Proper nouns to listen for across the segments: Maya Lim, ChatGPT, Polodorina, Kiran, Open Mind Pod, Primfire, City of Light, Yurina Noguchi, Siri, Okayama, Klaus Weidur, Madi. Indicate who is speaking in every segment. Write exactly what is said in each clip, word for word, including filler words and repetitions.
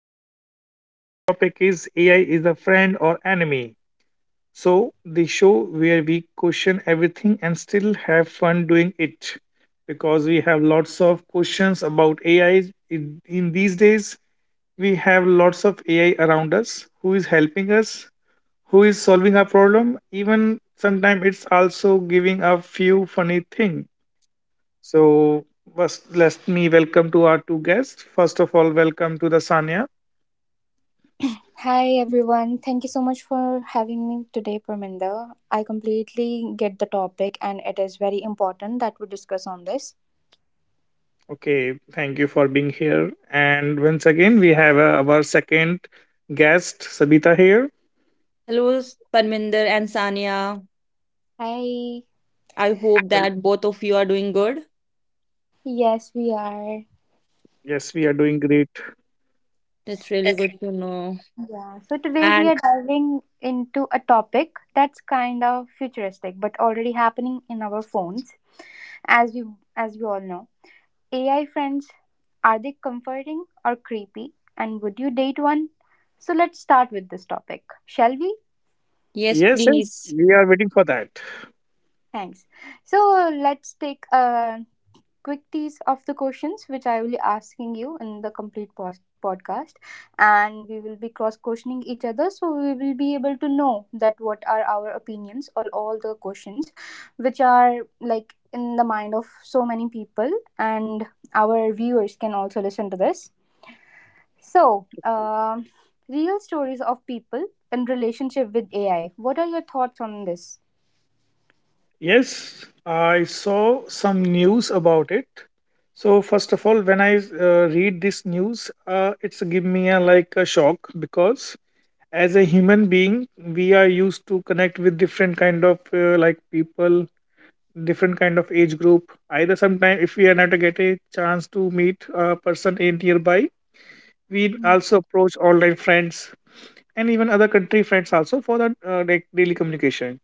Speaker 1: podcast. So today topic is A I is a friend or enemy. So the show where we question everything and still have fun doing it because we have lots of questions about A I in, in these days. We have lots of A I around us who is helping us, who is solving our problem. Even sometimes it's also giving a few funny thing so first, let me welcome to our two guests. First of all, welcome to the Sanya.
Speaker 2: Hi everyone, thank you so much for having me today, Parminder. I completely get the topic and it is very important that we discuss on this.
Speaker 1: Okay, thank you for being here. And once again, we have uh, our second guest, Sabita here.
Speaker 3: Hello, Parminder and Sania.
Speaker 2: Hi.
Speaker 3: I hope
Speaker 1: Well,
Speaker 3: that both of you are doing good.
Speaker 2: Yes, we are.
Speaker 1: yes, we are doing great.
Speaker 3: That's really
Speaker 2: That's
Speaker 3: good
Speaker 2: right.
Speaker 3: to know.
Speaker 2: Yeah, so today we
Speaker 3: And
Speaker 2: are diving into a topic that's kind of futuristic but already happening in our phones as we as we all know. A I friends, are they comforting or creepy, and would you date one? So let's start with this topic. Shall we?
Speaker 3: yes,
Speaker 1: Yes, yes,
Speaker 3: please.
Speaker 1: we are waiting for that.
Speaker 2: Thanks. So uh, let's take a quick tease of the questions which I will be asking you in the complete post- podcast, and we will be cross questioning each other, so we will be able to know that what are our opinions on all the questions, which are like in the mind of so many people, and our viewers can also listen to this. So, um real stories of people in relationship with A I. What are your thoughts on this?
Speaker 1: Yes, I saw some news about it. So first of all, when I uh, read this news, uh, it's give me a like a shock because as a human being we are used to connect with different kind of uh, like people different kind of age group either sometime if we are not to get a chance to meet a person in nearby we
Speaker 2: Mm.
Speaker 1: also approach online friends and even other country friends also for that uh, like daily communication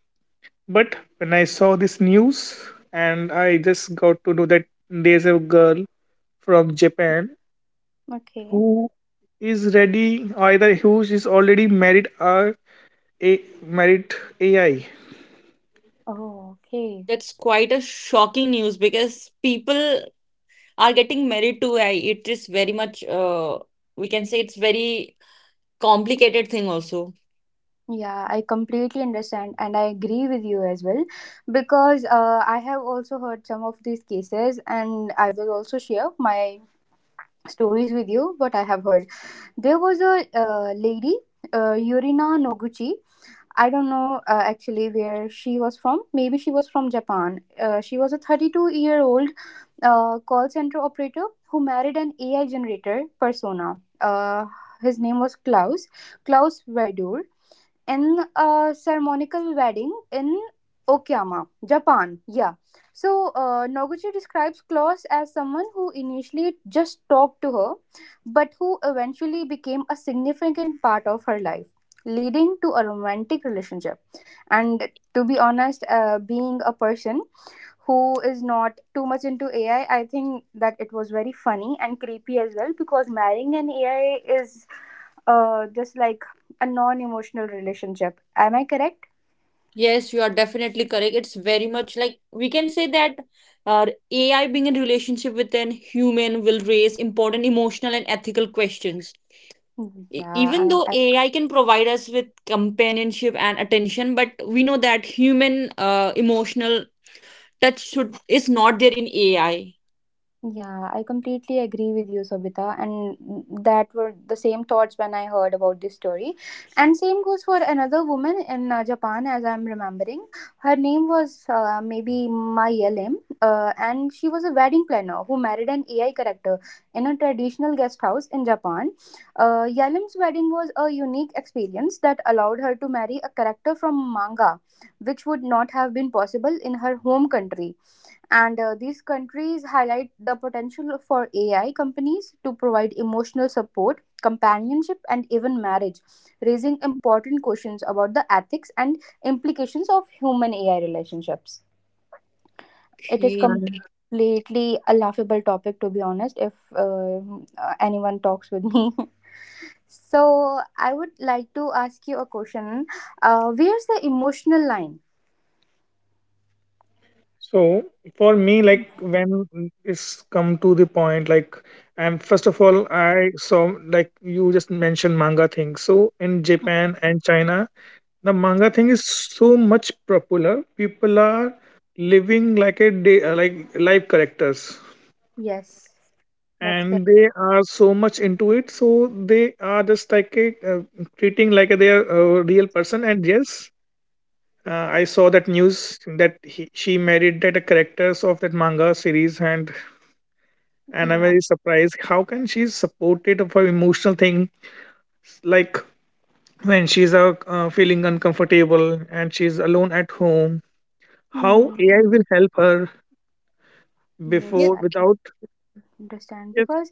Speaker 1: but when I saw this news and I just got to know that there's a girl from Japan
Speaker 2: Okay.
Speaker 1: who is ready either who is already married or a married AI.
Speaker 2: Oh, okay.
Speaker 3: That's quite a shocking news because people are getting married to A I. It is very much, uh, we can say it's very complicated thing also.
Speaker 2: Yeah, I completely understand and I agree with you as well because uh, I have also heard some of these cases and I will also share my stories with you what I have heard. There was a uh, lady, uh, Yurina Noguchi. I don't know uh, actually where she was from. Maybe she was from Japan. Uh, she was a thirty-two year old uh, call center operator who married an A I generator persona. Uh, his name was Klaus, Klaus Weidur, in a ceremonial wedding in Okayama, Japan. Yeah. So uh, Noguchi describes Klaus as someone who initially just talked to her, but who eventually became a significant part of her life, leading to a romantic relationship. And to be honest, uh, being a person who is not too much into A I, I I think that it was very funny and creepy as well because marrying an A I is uh, just like a non-emotional relationship. Am I correct?
Speaker 3: Yes, you are definitely correct. It's very much like we can say that uh, A I being in relationship with an human will raise important emotional and ethical questions. E- even
Speaker 2: Yeah,
Speaker 3: though
Speaker 2: I, I
Speaker 3: A I can provide us with companionship and attention, but we know that human uh, emotional touch should is not there in A I.
Speaker 2: Yeah, I completely agree with you, Sobita, and that were the same thoughts when I heard about this story. And same goes for another woman in uh, Japan, as I'm remembering. Her name was uh, maybe Maya Lim, uh, and she was a wedding planner who married an A I character in a traditional guest house in Japan. Uh, Yalim's wedding was a unique experience that allowed her to marry a character from manga, which would not have been possible in her home country, and uh, these countries highlight the potential for A I companies to provide emotional support, companionship, and even marriage, raising important questions about the ethics and implications of human A I relationships. It is
Speaker 1: And
Speaker 3: Okay.
Speaker 2: completely a laughable topic, to be honest, if uh, uh, anyone talks with me. So, I would like to ask you a question. uh, Where's the emotional line?
Speaker 1: so for me, like when it's come to the point, like and first of all, I saw like you just mentioned manga thing. So in Japan and China, the manga thing is so much popular. People are living like a day, uh, like live characters,
Speaker 2: Yes, that's correct.
Speaker 1: and they are so much into it. So they are just like a, uh, treating like a, they are a real person. And yes, Uh, I saw that news that he, she married that the characters of that manga series, and and I'm
Speaker 2: Yeah.
Speaker 1: very surprised. How can she support it for emotional thing like when she's uh, uh, feeling uncomfortable and she's alone at home? How
Speaker 2: Hmm.
Speaker 1: A I will help her
Speaker 2: Yes,
Speaker 3: Yes,
Speaker 1: before
Speaker 2: I
Speaker 1: without?
Speaker 2: understand
Speaker 1: Yes,
Speaker 2: because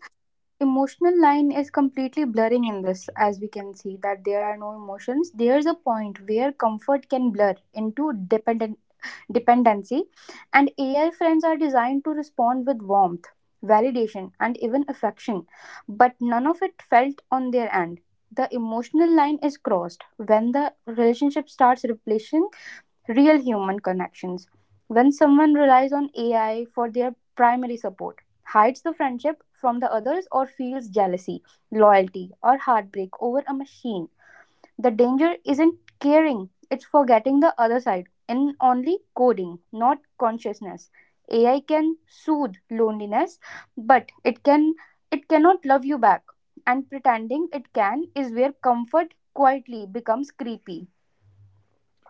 Speaker 2: emotional line is completely blurring in this, as we can see that there are no emotions. There's a point where comfort can blur into dependent dependency, and AI friends are designed to respond with warmth, validation, and even affection, but none of it felt on their end. The emotional line is crossed when the relationship starts replacing real human connections. When someone relies on A I for their primary support, hides the friendship from the others, or feels jealousy, loyalty, or heartbreak over a machine, the danger isn't caring, it's forgetting the other side in only coding, not consciousness. A I can soothe loneliness, but it can it cannot love you back. And pretending it can is where comfort quietly becomes creepy.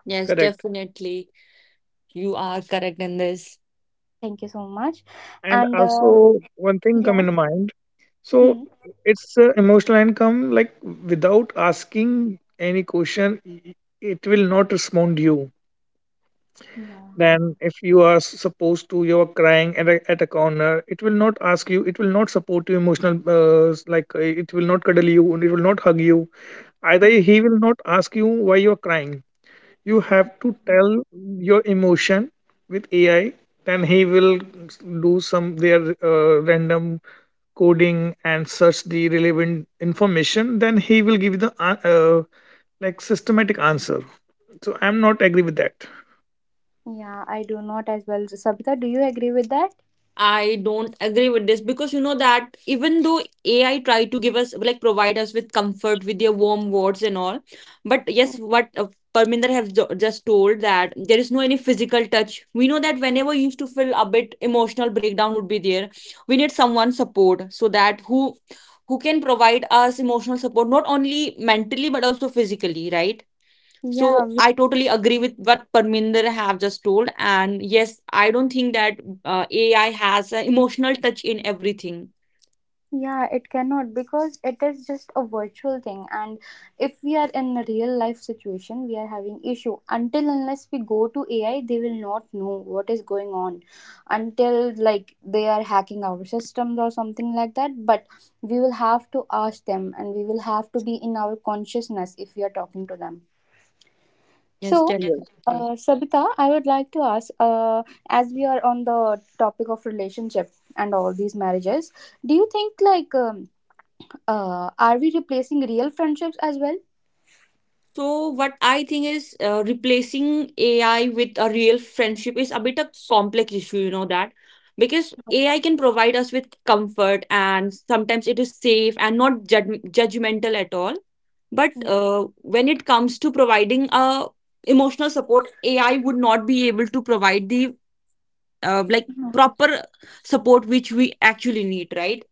Speaker 3: yes,
Speaker 1: correct.
Speaker 3: definitely. You are correct in this.
Speaker 2: Thank you so much.
Speaker 1: And
Speaker 2: And uh,
Speaker 1: also one thing come
Speaker 2: yeah.
Speaker 1: in mind. So
Speaker 2: Hmm.
Speaker 1: it's uh, emotional income like without asking any question, i- it will not respond you. Then,
Speaker 2: Yeah.
Speaker 1: if you are s- supposed to you're crying at a, at a corner it will not ask you it will not support you emotional uh, s- like uh, it will not cuddle you and it will not hug you either
Speaker 2: Yeah.
Speaker 1: he will not ask you why you're crying. You have to tell your emotion with AI then he will s- do some their uh, random coding and search the relevant information then he will give the uh, uh, like systematic answer so I'm not agree with that.
Speaker 2: Yeah, I do not as well. Savita, do you agree with that?
Speaker 3: I don't agree with this because you know that even though A I try to give us like provide us with comfort with their warm words and all, but yes, what uh, Parminder has ju- just told that there is no any physical touch. We know that whenever you used to feel a bit emotional breakdown would be there, we need someone support so that who who can provide us emotional support not only mentally but also physically, right?
Speaker 2: Yeah,
Speaker 3: So
Speaker 2: we-
Speaker 3: I totally agree with what Parminder have just told, and yes, I don't think that uh, A I has an emotional touch in everything.
Speaker 2: yeah, it cannot because it is just a virtual thing. And if we are in a real life situation, we are having issue. Until unless we go to A I, they will not know what is going on. Until like they are hacking our systems or something like that. But we will have to ask them, and we will have to be in our consciousness if we are talking to them.
Speaker 3: Yes,
Speaker 2: So,
Speaker 1: Yes.
Speaker 3: definitely.
Speaker 2: uh, Sabita, I would like to ask, uh, as we are on the topic of relationship and all these marriages, do you think like um, uh, are we replacing real friendships as well?
Speaker 3: So what I think is uh, replacing A I with a real friendship is a bit of complex issue, you know that, because A I can provide us with comfort and sometimes it is safe and not judg- judgmental at all. But
Speaker 2: Yeah.
Speaker 3: uh, when it comes to providing a emotional support, A I would not be able to provide the uh, like
Speaker 2: Mhm.
Speaker 3: proper support which we actually need, right?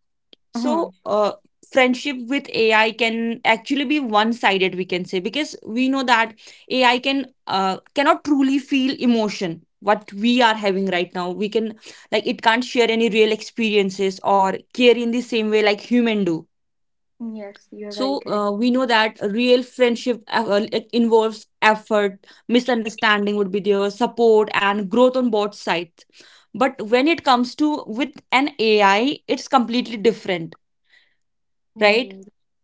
Speaker 2: Mhm.
Speaker 3: So uh, friendship with AI can actually be one sided, we can say, because we know that AI can uh, cannot truly feel emotion what we are having right now. We can, like, it can't share any real experiences or care in the same way like human do.
Speaker 2: Yes, you are very
Speaker 3: So
Speaker 2: correct.
Speaker 3: uh, we know that a real friendship uh, well, it involves effort, misunderstanding would be there, support and growth on both sides. But when it comes to with an A I, it's completely different, right?
Speaker 2: Hmm.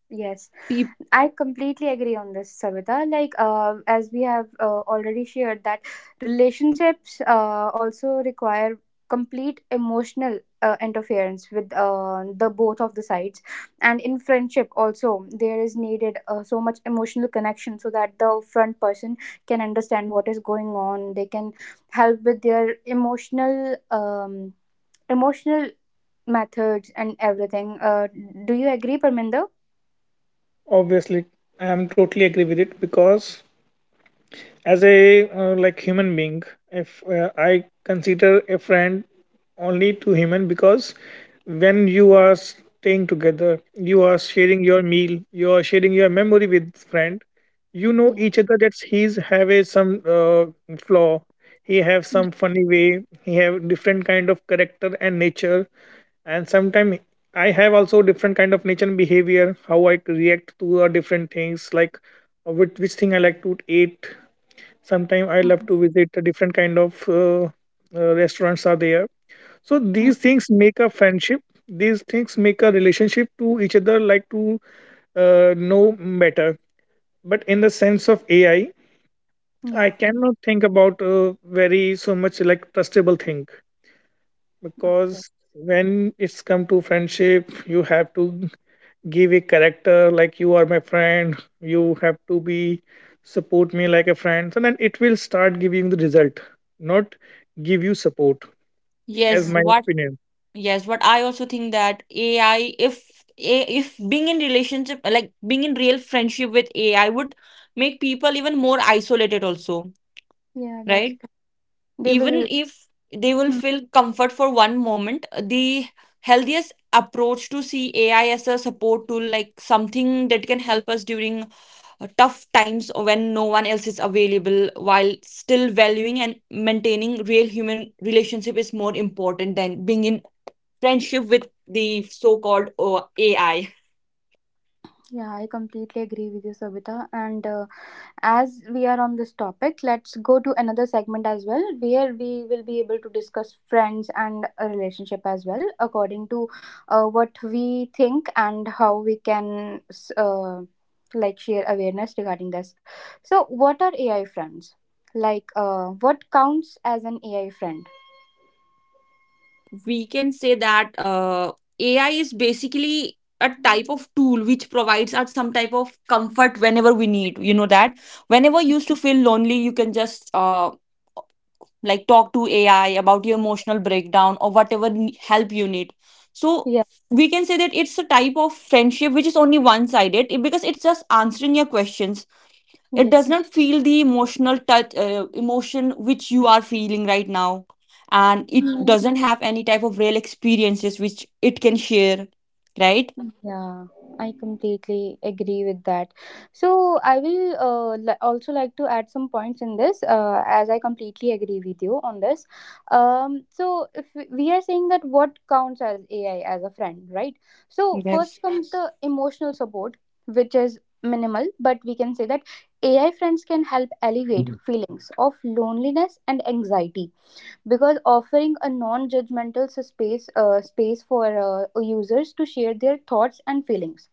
Speaker 2: Yes,
Speaker 3: Peop-
Speaker 2: I completely agree on this, Savita. Like, uh, as we have uh, already shared, that relationships uh, also require complete emotional uh, interference with uh, the both of the sides, and in friendship also there is needed uh, so much emotional connection so that the front person can understand what is going on. They can help with their emotional um, emotional methods and everything. Uh, do you agree, Parminder?
Speaker 1: Obviously, I am totally agree with it because as a uh, like human being if uh, I consider a friend only to human because when you are staying together you are sharing your meal you are sharing your memory with friend. You know
Speaker 2: Yeah.
Speaker 1: each other that he's have a some uh, flaw, he have some funny way, he have different kind of character and nature, and sometimes I have also different kind of nature and behavior how I react to uh, different things like uh, which, which thing I like to eat. Sometimes I love to
Speaker 2: Mhm.
Speaker 1: visit a different kind of uh, uh, restaurants are there. So
Speaker 2: Mm.
Speaker 1: these things make a friendship. These things make a relationship to each other, like to uh, know better. But in the sense of A I, I
Speaker 2: Yeah.
Speaker 1: cannot think about a very so much like trustable thing
Speaker 2: Okay.
Speaker 1: because when it's come to friendship, you have to give a character like you are my friend you have to be support me like a friend so then it will start giving the result, not give you support as
Speaker 3: yes,
Speaker 2: Yeah.
Speaker 1: my
Speaker 3: what
Speaker 1: opinion.
Speaker 3: yes, what I also think that A I, if a- if being in relationship like being in real friendship with A I would make people even more isolated also,
Speaker 2: Yeah, that's
Speaker 3: right?
Speaker 2: c- they
Speaker 3: Even
Speaker 2: will.
Speaker 3: if they will
Speaker 2: Mm.
Speaker 3: feel comfort for one moment, the healthiest approach to see AI as a support tool, like something that can help us during uh, tough times or when no one else is available, while still valuing and maintaining real human relationship is more important than being in friendship with the so-called uh, AI,
Speaker 2: Yeah, I completely agree with you, Savita. And uh, as we are on this topic, let's go to another segment as well, where we will be able to discuss friends and a relationship as well, according to uh, what we think and how we can s- uh, like share awareness regarding this. So, what are A I friends? Like, uh, what counts as an A I friend?
Speaker 3: we can say that uh, A I is basically a type of tool which provides us some type of comfort whenever we need. You know that whenever you used to feel lonely, you can just uh, like talk to A I about your emotional breakdown or whatever n- help you need. So
Speaker 2: Yeah.
Speaker 3: we can say that it's a type of friendship which is only one sided because it's just answering your questions. It does
Speaker 2: Yes.
Speaker 3: not feel the emotional touch, uh, emotion which you are feeling right now, and it doesn't have any type of real experiences which it can share, right?
Speaker 2: Yeah, I completely agree with that. So I will uh, li- also like to add some points in this, uh, as I completely agree with you on this. Um, so if we we are saying that what counts as A I as a friend, right? So first
Speaker 3: Yes.
Speaker 2: comes the emotional support, which is minimal, but we can say that A I friends can help alleviate feelings of loneliness and anxiety because offering a non-judgmental s- space uh, space for uh, users to share their thoughts and feelings.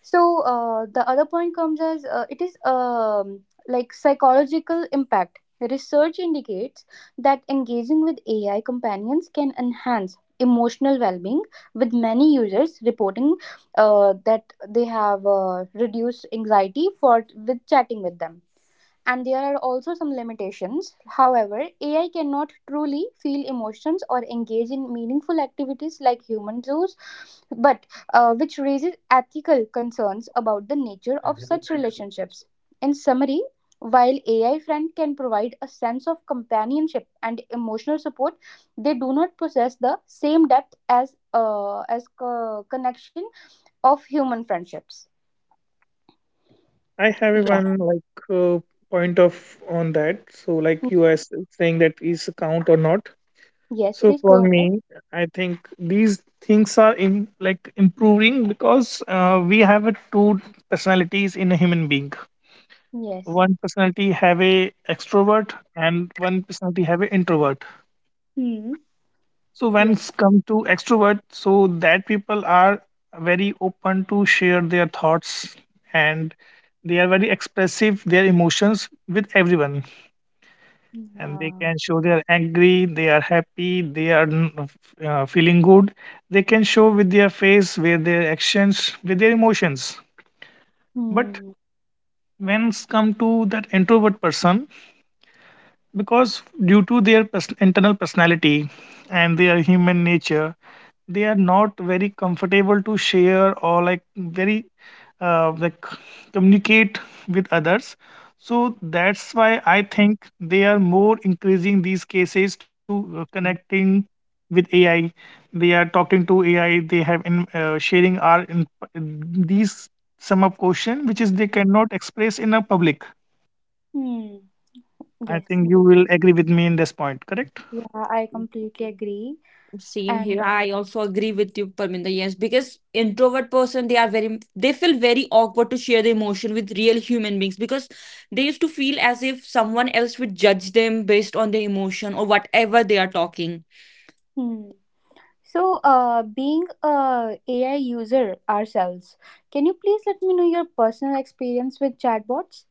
Speaker 2: So uh, the other point comes as uh, it is um, like psychological impact. Research indicates that engaging with AI companions can enhance emotional well-being, with many users reporting uh, that they have uh, reduced anxiety for with chatting with them. And there are also some limitations. However, A I cannot truly feel emotions or engage in meaningful activities like humans do, but uh, which raises ethical concerns about the nature of such relationships. In summary, while A I friend can provide a sense of companionship and emotional support, they do not possess the same depth as uh, as co- connection of human friendships.
Speaker 1: I have a
Speaker 2: Yeah.
Speaker 1: one like uh, point of on that so like you are s- saying that is a count or not.
Speaker 2: Yes,
Speaker 1: So
Speaker 2: please
Speaker 1: for
Speaker 2: go
Speaker 1: me
Speaker 2: ahead.
Speaker 1: I think these things are in like improving because uh, we have a two personalities in a human being.
Speaker 2: Yes.
Speaker 1: One personality have a extrovert and one personality have a introvert.
Speaker 2: Hmm.
Speaker 1: So when
Speaker 2: Yes.
Speaker 1: it's come to extrovert so that people are very open to share their thoughts and they are very expressive their emotions with everyone and they
Speaker 2: Yeah.
Speaker 1: can show they are angry they are happy they are n- uh, feeling good. They can show with their face with their actions with their emotions but
Speaker 2: Hmm.
Speaker 1: when it's come to that introvert person because due to their pers- internal personality and their human nature they are not very comfortable to share or like very uh, like communicate with others. So that's why I think they are more increasing these cases to uh, connecting with AI. They are talking to AI, they have in uh, sharing our in, these sum of question which is they cannot express in a public.
Speaker 2: Hmm.
Speaker 1: I
Speaker 2: Yes.
Speaker 1: think you will agree with me in this point, correct?
Speaker 2: Yeah, I completely agree.
Speaker 3: Same
Speaker 2: And
Speaker 3: here.
Speaker 2: uh,
Speaker 3: I also agree with you, Parminder. Yes, because introvert person, they are very, they feel very awkward to share the emotion with real human beings because they used to feel as if someone else would judge them based on their emotion or whatever they are talking.
Speaker 2: hmm. So, uh, being a AI user ourselves, can you please let me know your personal experience with chatbots?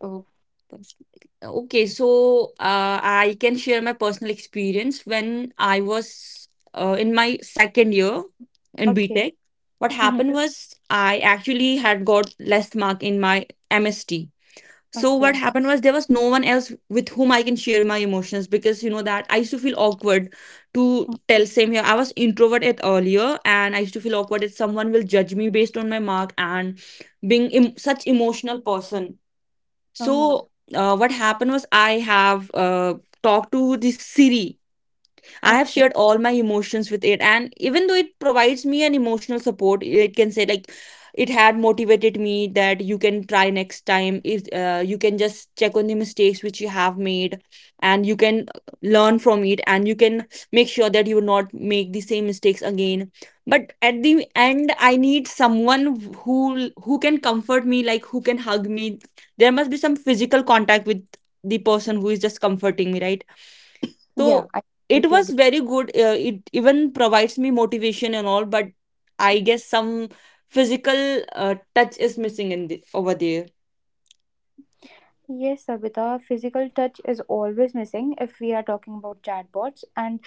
Speaker 3: Oh, that's- okay. So uh, I can share my personal experience when I was uh, in my second year in B
Speaker 2: Okay.
Speaker 3: Tech. What
Speaker 2: Mm-hmm.
Speaker 3: happened was I actually had got less mark in my M S T. So what
Speaker 2: Okay.
Speaker 3: happened was there was no one else with whom I can share my emotions because you know that I used to feel awkward to
Speaker 2: Mm.
Speaker 3: tell. Same here. I was introvert at earlier and I used to feel awkward if someone will judge me based on my mark and being em- such emotional person. So
Speaker 2: Oh.
Speaker 3: uh, what happened was I have uh, talked to this Siri. I have
Speaker 2: Okay.
Speaker 3: shared all my emotions with it. And even though it provides me an emotional support, it can say, like, it had motivated me that you can try next time. If uh, you can just check on the mistakes which you have made and you can learn from it and you can make sure that you will not make the same mistakes again. But at the end, I need someone who who can comfort me, like who can hug me. There must be some physical contact with the person who is just comforting me, right?
Speaker 2: Yeah,
Speaker 3: So
Speaker 2: I
Speaker 3: it was
Speaker 2: completely
Speaker 3: very good. Uh, it even provides me motivation and all, but I guess some physical uh, touch is missing in the, over there.
Speaker 2: Yes, Sabita, physical touch is always missing if we are talking about chatbots. And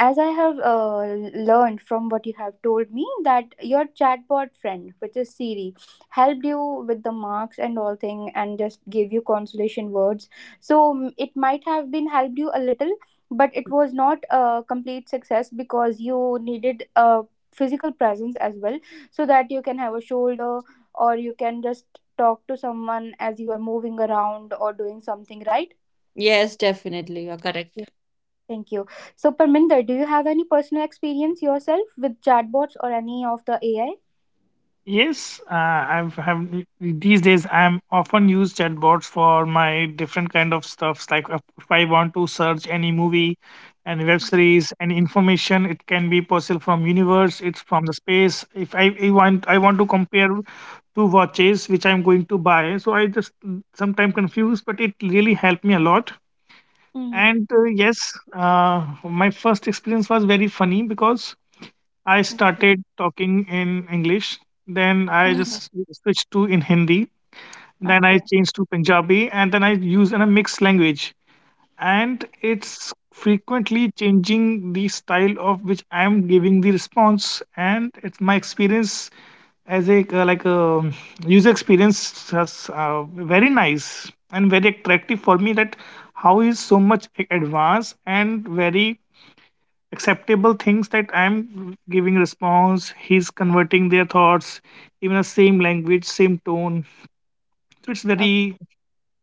Speaker 2: as I have uh, learned from what you have told me, that your chatbot friend, which is Siri, helped you with the marks and all thing and just gave you consolation words. So mm, it might have been helped you a little, but it was not a complete success because you needed a physical presence as well so that you can have a shoulder or you can just talk to someone as you are moving around or doing something, right?
Speaker 3: Yes, definitely. You're
Speaker 2: Yeah.
Speaker 3: correct.
Speaker 2: Thank you. So, Parminder, do you have any personal experience yourself with chatbots or any of the A I?
Speaker 1: Yes, uh, I've have these days I'm often use chatbots for my different kind of stuffs. Like if if I want to search any movie, any web series, any information, it can be possible from universe, it's from the space. If I, I want, I want to compare two watches which I'm going to buy. So I just sometimes confused, but it really helped me a lot.
Speaker 2: Mm-hmm.
Speaker 1: And uh, yes, uh, my first experience was very funny because I
Speaker 2: Okay.
Speaker 1: started talking in English. Then I
Speaker 2: Mhm.
Speaker 1: just switched to in Hindi. Then I
Speaker 2: Okay.
Speaker 1: changed to Punjabi, and then I use in a mixed language. And it's frequently changing the style of which I am giving the response. And it's my experience as a uh, like a user experience has uh, very nice and very attractive for me. That how is so much a- advanced and very acceptable things that I'm giving response, he's converting their thoughts, even the same language same tone, so it's very
Speaker 2: Okay.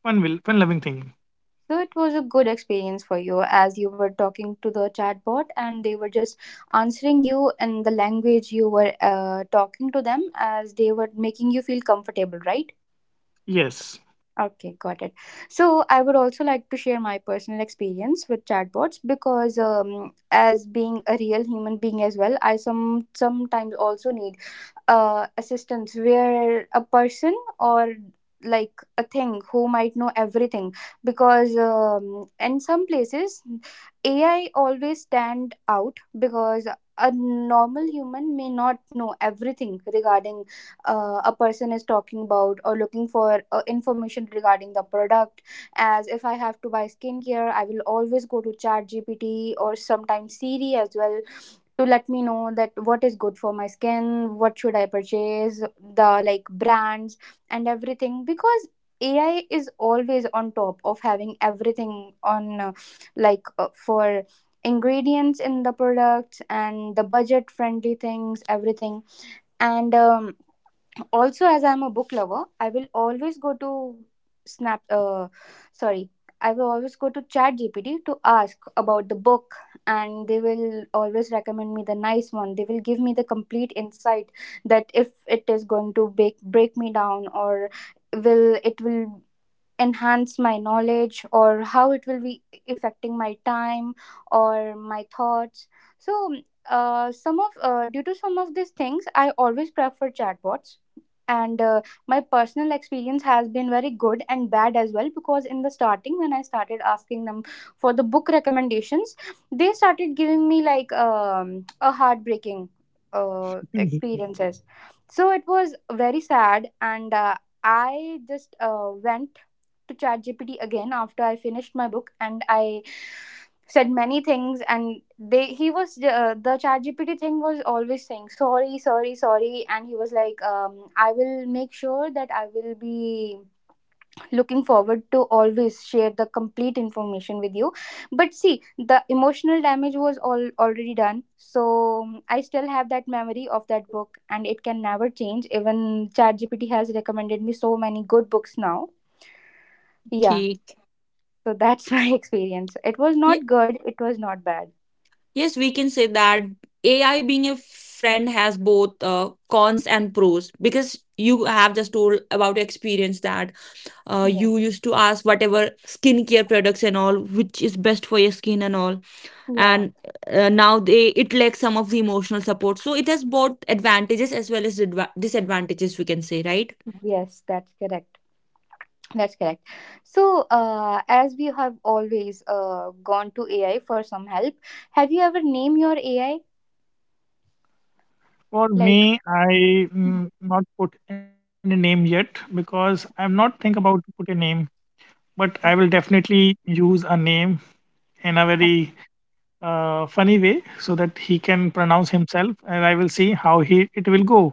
Speaker 1: fun will fun loving thing.
Speaker 2: So it was a good experience for you as you were talking to the chatbot and they were just answering you in the language you were uh, talking to them as they were making you feel comfortable, right?
Speaker 1: Yes.
Speaker 2: Okay, got it. So I would also like to share my personal experience with chatbots because, um, as being a real human being as well, I some sometimes also need uh, assistance where a person or like a thing who might know everything because um, in some places A I always stand out because a normal human may not know everything regarding uh, a person is talking about or looking for uh, information regarding the product. As if I have to buy skincare, I will always go to ChatGPT or sometimes Siri as well, to let me know that what is good for my skin, what should I purchase, the like brands and everything, because AI is always on top of having everything on uh, like uh, for ingredients in the products and the budget friendly things, everything. And um, also, as I'm a book lover, I will always go to snap uh, sorry I will always go to chat gpt to ask about the book, and they will always recommend me the nice one. They will give me the complete insight that if it is going to break break me down, or will it will enhance my knowledge, or how it will be affecting my time or my thoughts. So uh, some of uh, due to some of these things, I always prefer chatbots. And uh, my personal experience has been very good and bad as well, because in the starting, when I started asking them for the book recommendations, they started giving me like um, a heartbreaking uh,
Speaker 1: Mhm.
Speaker 2: experiences. So it was very sad, and uh, I just uh, went to ChatGPT again after I finished my book, and I said many things, and they he was uh, the ChatGPT thing was always saying sorry, sorry, sorry, and he was like um, I will make sure that I will be looking forward to always share the complete information with you. But see, the emotional damage was all already done. So um, I still have that memory of that book, and it can never change, even ChatGPT has recommended me so many good books now. Yeah,
Speaker 3: Okay.
Speaker 2: so that's my experience. It was not good, it was not bad.
Speaker 3: Yes, we can say that A I being a friend has both uh, cons and pros because you have just told about your experience that uh, you
Speaker 2: Yes.
Speaker 3: used to ask whatever skincare products and all which is best for your skin and all, and
Speaker 2: Yeah.
Speaker 3: uh, now they, it lacks some of the emotional support, so it has both advantages as well as adva- disadvantages, we can say, right?
Speaker 2: Yes, that's correct. That's correct. So, uh, as we have always uh, gone to A I for some help, have you ever named your A I?
Speaker 1: For me
Speaker 2: Like,
Speaker 1: I
Speaker 2: Mm.
Speaker 1: mm, not put any name yet because I'm not think about to put a name, but I will
Speaker 2: Okay,
Speaker 1: definitely use a name in a very uh, funny way so that he can pronounce himself and I will see how he it will go.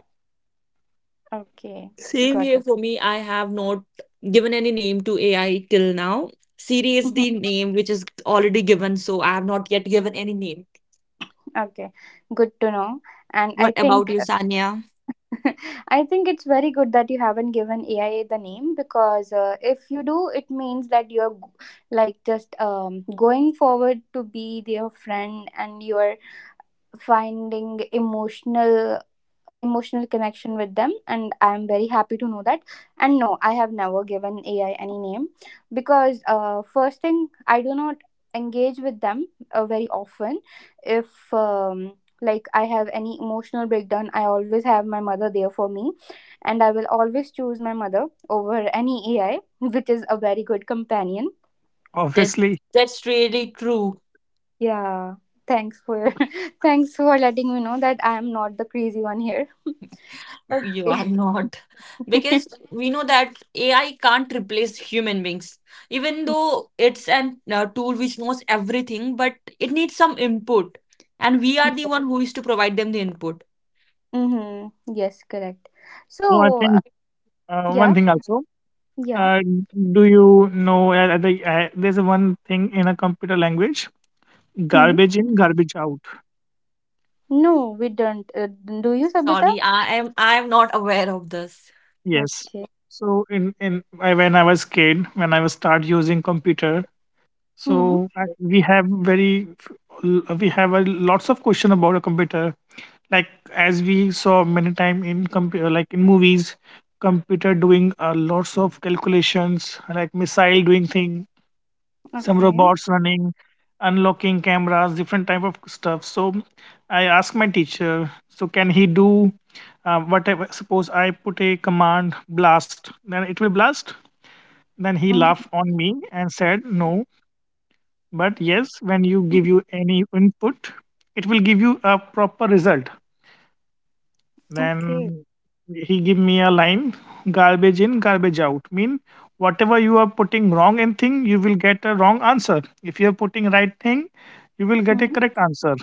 Speaker 2: okay,
Speaker 3: Same
Speaker 2: got
Speaker 3: here,
Speaker 2: it.
Speaker 3: for me I have not given any name to AI till now. Siri is
Speaker 2: Mhm.
Speaker 3: the name which is already given, so I have not yet given any name.
Speaker 2: Okay, good to know. And I
Speaker 3: What about
Speaker 2: think
Speaker 3: you, Sanya?
Speaker 2: I think it's very good that you haven't given A I the name, because uh, if you do, it means that you're g- like just um, going forward to be their friend, and you're finding emotional emotional connection with them, and I'm very happy to know that. And no, I have never given AI any name, because uh, first thing, I do not engage with them uh, very often. If um, like I have any emotional breakdown, I always have my mother there for me, and I will always choose my mother over any AI, which is a very good companion.
Speaker 3: That,
Speaker 1: Obviously
Speaker 3: that's really true.
Speaker 2: Yeah, thanks for thanks for letting me know that I am not the crazy one here.
Speaker 3: You
Speaker 2: Okay.
Speaker 3: are not. Because we know that A I can't replace human beings. Even though it's an uh, tool which knows everything, but it needs some input. And we are the one who is to provide them the input.
Speaker 2: Mm-hmm. Yes, correct.
Speaker 1: so I
Speaker 2: So, uh,
Speaker 1: think uh,
Speaker 2: yeah,
Speaker 1: one thing also.
Speaker 2: yeah.
Speaker 1: Uh, do you know? Uh, the, uh, there's a one thing in a computer language:
Speaker 2: Hmm.
Speaker 1: garbage in, garbage out.
Speaker 2: No, we don't. Uh, do you, Sabita?
Speaker 3: Sorry, I am I am not aware of this.
Speaker 1: Yes.
Speaker 2: Okay.
Speaker 1: So in in I, when I was kid, when I was start using computer,
Speaker 2: Hmm.
Speaker 1: so I, we have very f- l- we have a lots of question about a computer. Like as we saw many time in computer, like in movies, computer doing uh, lots of calculations, like missile doing thing, some
Speaker 2: Okay.
Speaker 1: robots running, unlocking cameras, different type of stuff. So I asked my teacher, so can he do uh, whatever, suppose I put a command blast then it will blast, then he
Speaker 2: Mm,
Speaker 1: laughed on me and said no, but yes when you give you any input it will give you a proper result.
Speaker 2: okay.
Speaker 1: Then he give me a line, garbage in, garbage out. Mean whatever you are putting wrong in thing, you will get a wrong answer. If you are putting right thing, you will get a
Speaker 2: Hmm.
Speaker 1: correct answer.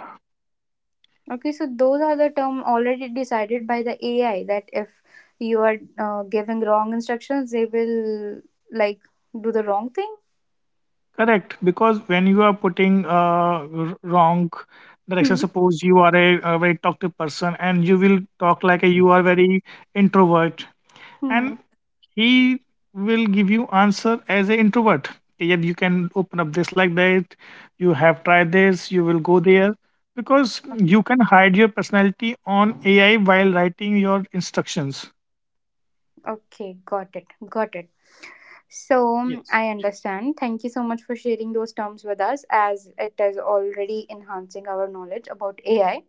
Speaker 2: Okay. So those are the term already decided by the A I, that if you are uh, giving wrong instructions, they will like do the wrong thing.
Speaker 1: Correct, because when you are putting uh, r- wrong
Speaker 2: Hmm.
Speaker 1: direction, suppose you are a, a very talkative person and you will talk like a, you are very introvert, and
Speaker 2: Hmm.
Speaker 1: he will give you answer as an introvert. Okay, yeah you can open up this like that, you have tried this you will go there, because you can hide your personality on AI while writing your instructions.
Speaker 2: Okay, got it. Got it. So mm,
Speaker 1: Yes,
Speaker 2: I understand. Thank you so much for sharing those terms with us, as it is already enhancing our knowledge about A I.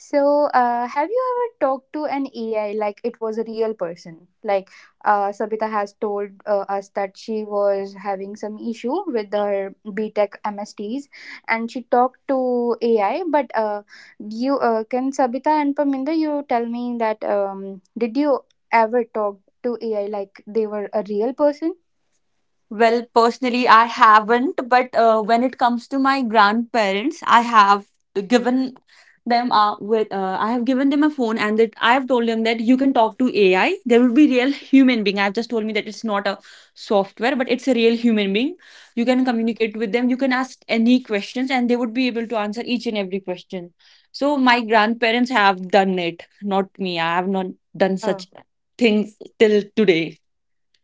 Speaker 2: So, uh, have you ever talked to an A I like it was a real person? Like, uh, Sabita has told uh, us that she was having some issue with her BTech M S Ts and she talked to A I. But uh, you uh, can Sabita and Paminda, you tell me that um, did you ever talk to A I like they were a real person?
Speaker 3: Well, personally, I haven't, but uh, when it comes to my grandparents, I have given them uh, with uh, I have given them a phone, and that I have told them that you can talk to A I. There will be real human being. I've just told me that it's not a software, but it's a real human being. You can communicate with them. You can ask any questions, and they would be able to answer each and every question. So my grandparents have done it, not me. I have not done
Speaker 2: Oh,
Speaker 3: such things till today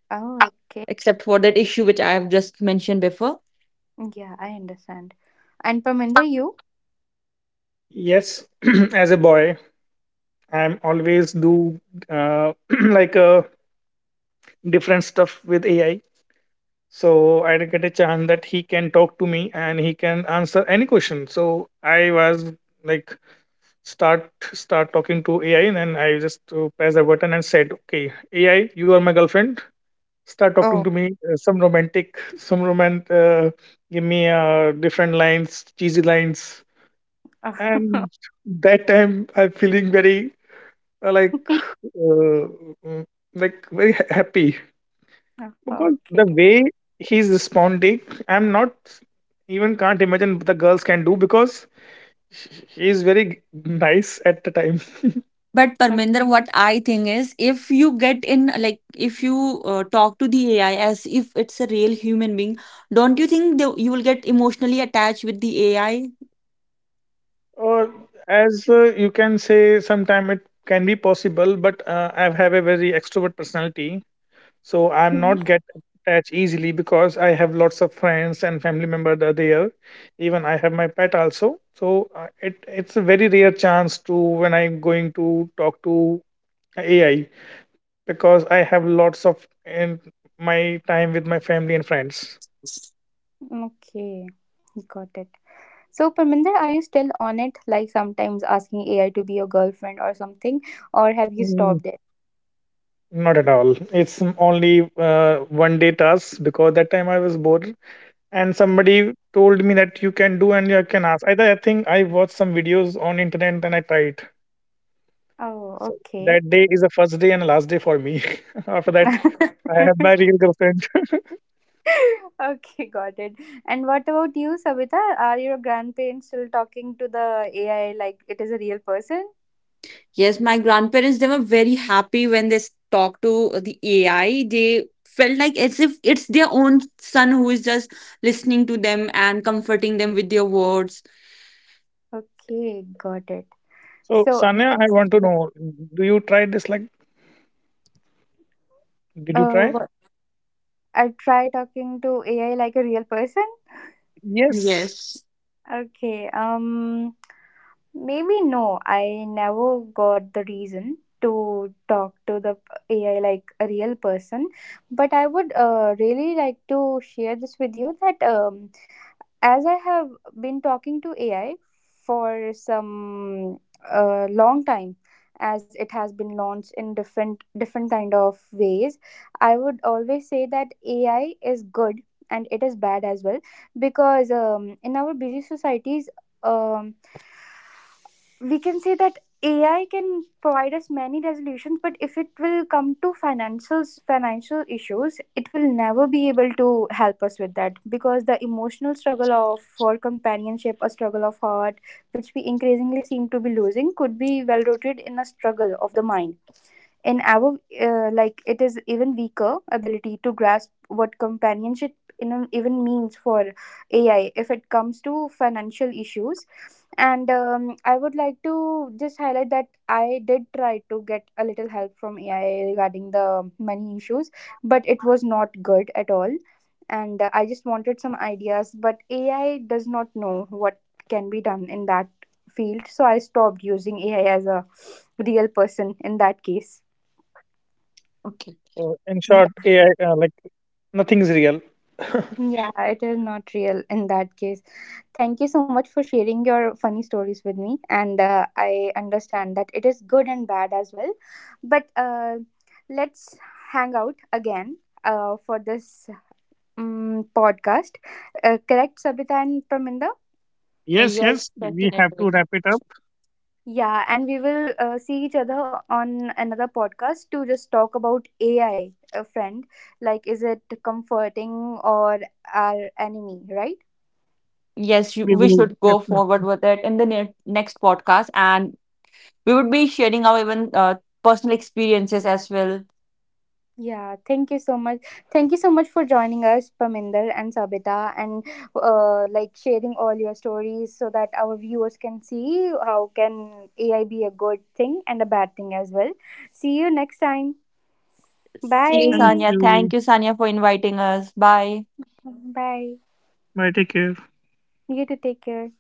Speaker 2: oh, okay.
Speaker 3: except for that issue which I have just mentioned before.
Speaker 2: Yeah, I understand. And Parminder, you?
Speaker 1: yes. As a boy I'm always do uh, like uh, different stuff with AI. So I did get a chance that he can talk to me and he can answer any question. So I was like start start talking to A I, and then I just uh, pressed a button and said, "Okay, A I, you are my girlfriend. Start talking
Speaker 2: Oh.
Speaker 1: to me. Uh, some romantic, some romantic. Uh, give me uh, different lines, cheesy lines." And that time, I'm feeling very uh, like uh, mm, like very ha- happy because
Speaker 2: Okay.
Speaker 1: the way he's responding, I'm not even can't imagine the girls can do because he is very nice at the time.
Speaker 3: But Parminder, what I think is, if you get in, like, if you uh, talk to the A I as if it's a real human being, don't you think the, you will get emotionally attached with the A I?
Speaker 1: Or as uh, you can say, sometime it can be possible, but uh, I have a very extrovert personality, so I'm
Speaker 2: Mhm.
Speaker 1: not get attached easily because I have lots of friends and family members are there. Even I have my pet also, so uh, it it's a very rare chance to when I'm going to talk to A I because I have lots of in my time with my family and friends.
Speaker 2: Okay, got it. So, Parminder, are you still on it? Like sometimes asking A I to be your girlfriend or something, or have you
Speaker 1: Mm,
Speaker 2: stopped it?
Speaker 1: Not at all. It's m- only uh, one day task because that time I was bored and somebody told me that you can do and you can ask either I think I watched some videos on internet and I tried.
Speaker 2: Oh,
Speaker 1: So
Speaker 2: okay.
Speaker 1: that day is the first day and last day for me. After that I have my real girlfriend.
Speaker 2: Okay, got it. And what about you, Savita? Are your grandparents still talking to the A I like it is a real person?
Speaker 4: Yes, my grandparents, they were very happy when they s- talked to the A I. They felt like as if it's their own son who is just listening to them and comforting them with their words.
Speaker 2: Okay, got it.
Speaker 1: So
Speaker 2: So
Speaker 1: Sanya I
Speaker 2: that's
Speaker 1: want to know, do you try this, like did you
Speaker 2: Uh,
Speaker 1: try?
Speaker 2: what- I try talking to A I like a real person.
Speaker 1: Yes.
Speaker 4: Yes.
Speaker 2: Okay. Um, maybe no. I never got the reason to talk to the A I like a real person, but I would uh, really like to share this with you, that um, as I have been talking to A I for some uh, long time, as it has been launched in different different kind of ways, I would always say that A I is good and it is bad as well, because um, in our busy societies. Um, we can say that A I can provide us many resolutions, but if it will come to financials, financial issues, it will never be able to help us with that, because the emotional struggle of for companionship, a struggle of heart, which we increasingly seem to be losing, could be well rooted in a struggle of the mind. In our uh, like, it is even weaker ability to grasp what companionship in even means for A I if it comes to financial issues. And um, I would like to just highlight that I did try to get a little help from AI regarding the money issues, but it was not good at all. And uh, I just wanted some ideas, but AI does not know what can be done in that field, so I stopped using AI as a real person in that case.
Speaker 4: Okay.
Speaker 1: So in short AI uh, like nothing is real.
Speaker 2: Yeah, it is not real in that case. Thank you so much for sharing your funny stories with me. And uh, I understand that it is good and bad as well. But uh, let's hang out again uh, for this um, podcast. Uh, correct, Sabita and Praminda?
Speaker 4: Yeah,
Speaker 1: Yes, yes,
Speaker 4: yes,
Speaker 1: we have to
Speaker 4: definitely.
Speaker 1: wrap it up.
Speaker 2: Yeah, and we will uh, see each other on another podcast to just talk about A I, friend. Like, is it comforting or our enemy, right?
Speaker 4: Yes, you,
Speaker 1: We
Speaker 4: we
Speaker 1: will
Speaker 4: should go
Speaker 1: definitely
Speaker 4: forward with it in the ne- next podcast, and we would be sharing our even uh, personal experiences as well.
Speaker 2: Yeah, thank you so much. Thank you so much for joining us, Paminder and Sabita, and uh, like sharing all your stories so that our viewers can see how can A I be a good thing and a bad thing as well. See you next time.
Speaker 4: See you,
Speaker 1: thank
Speaker 2: Bye.
Speaker 4: Sanya.
Speaker 1: you.
Speaker 4: Thank you, Sanya, for inviting us. Bye.
Speaker 2: Bye.
Speaker 1: Bye, take care.
Speaker 2: You too. Take care.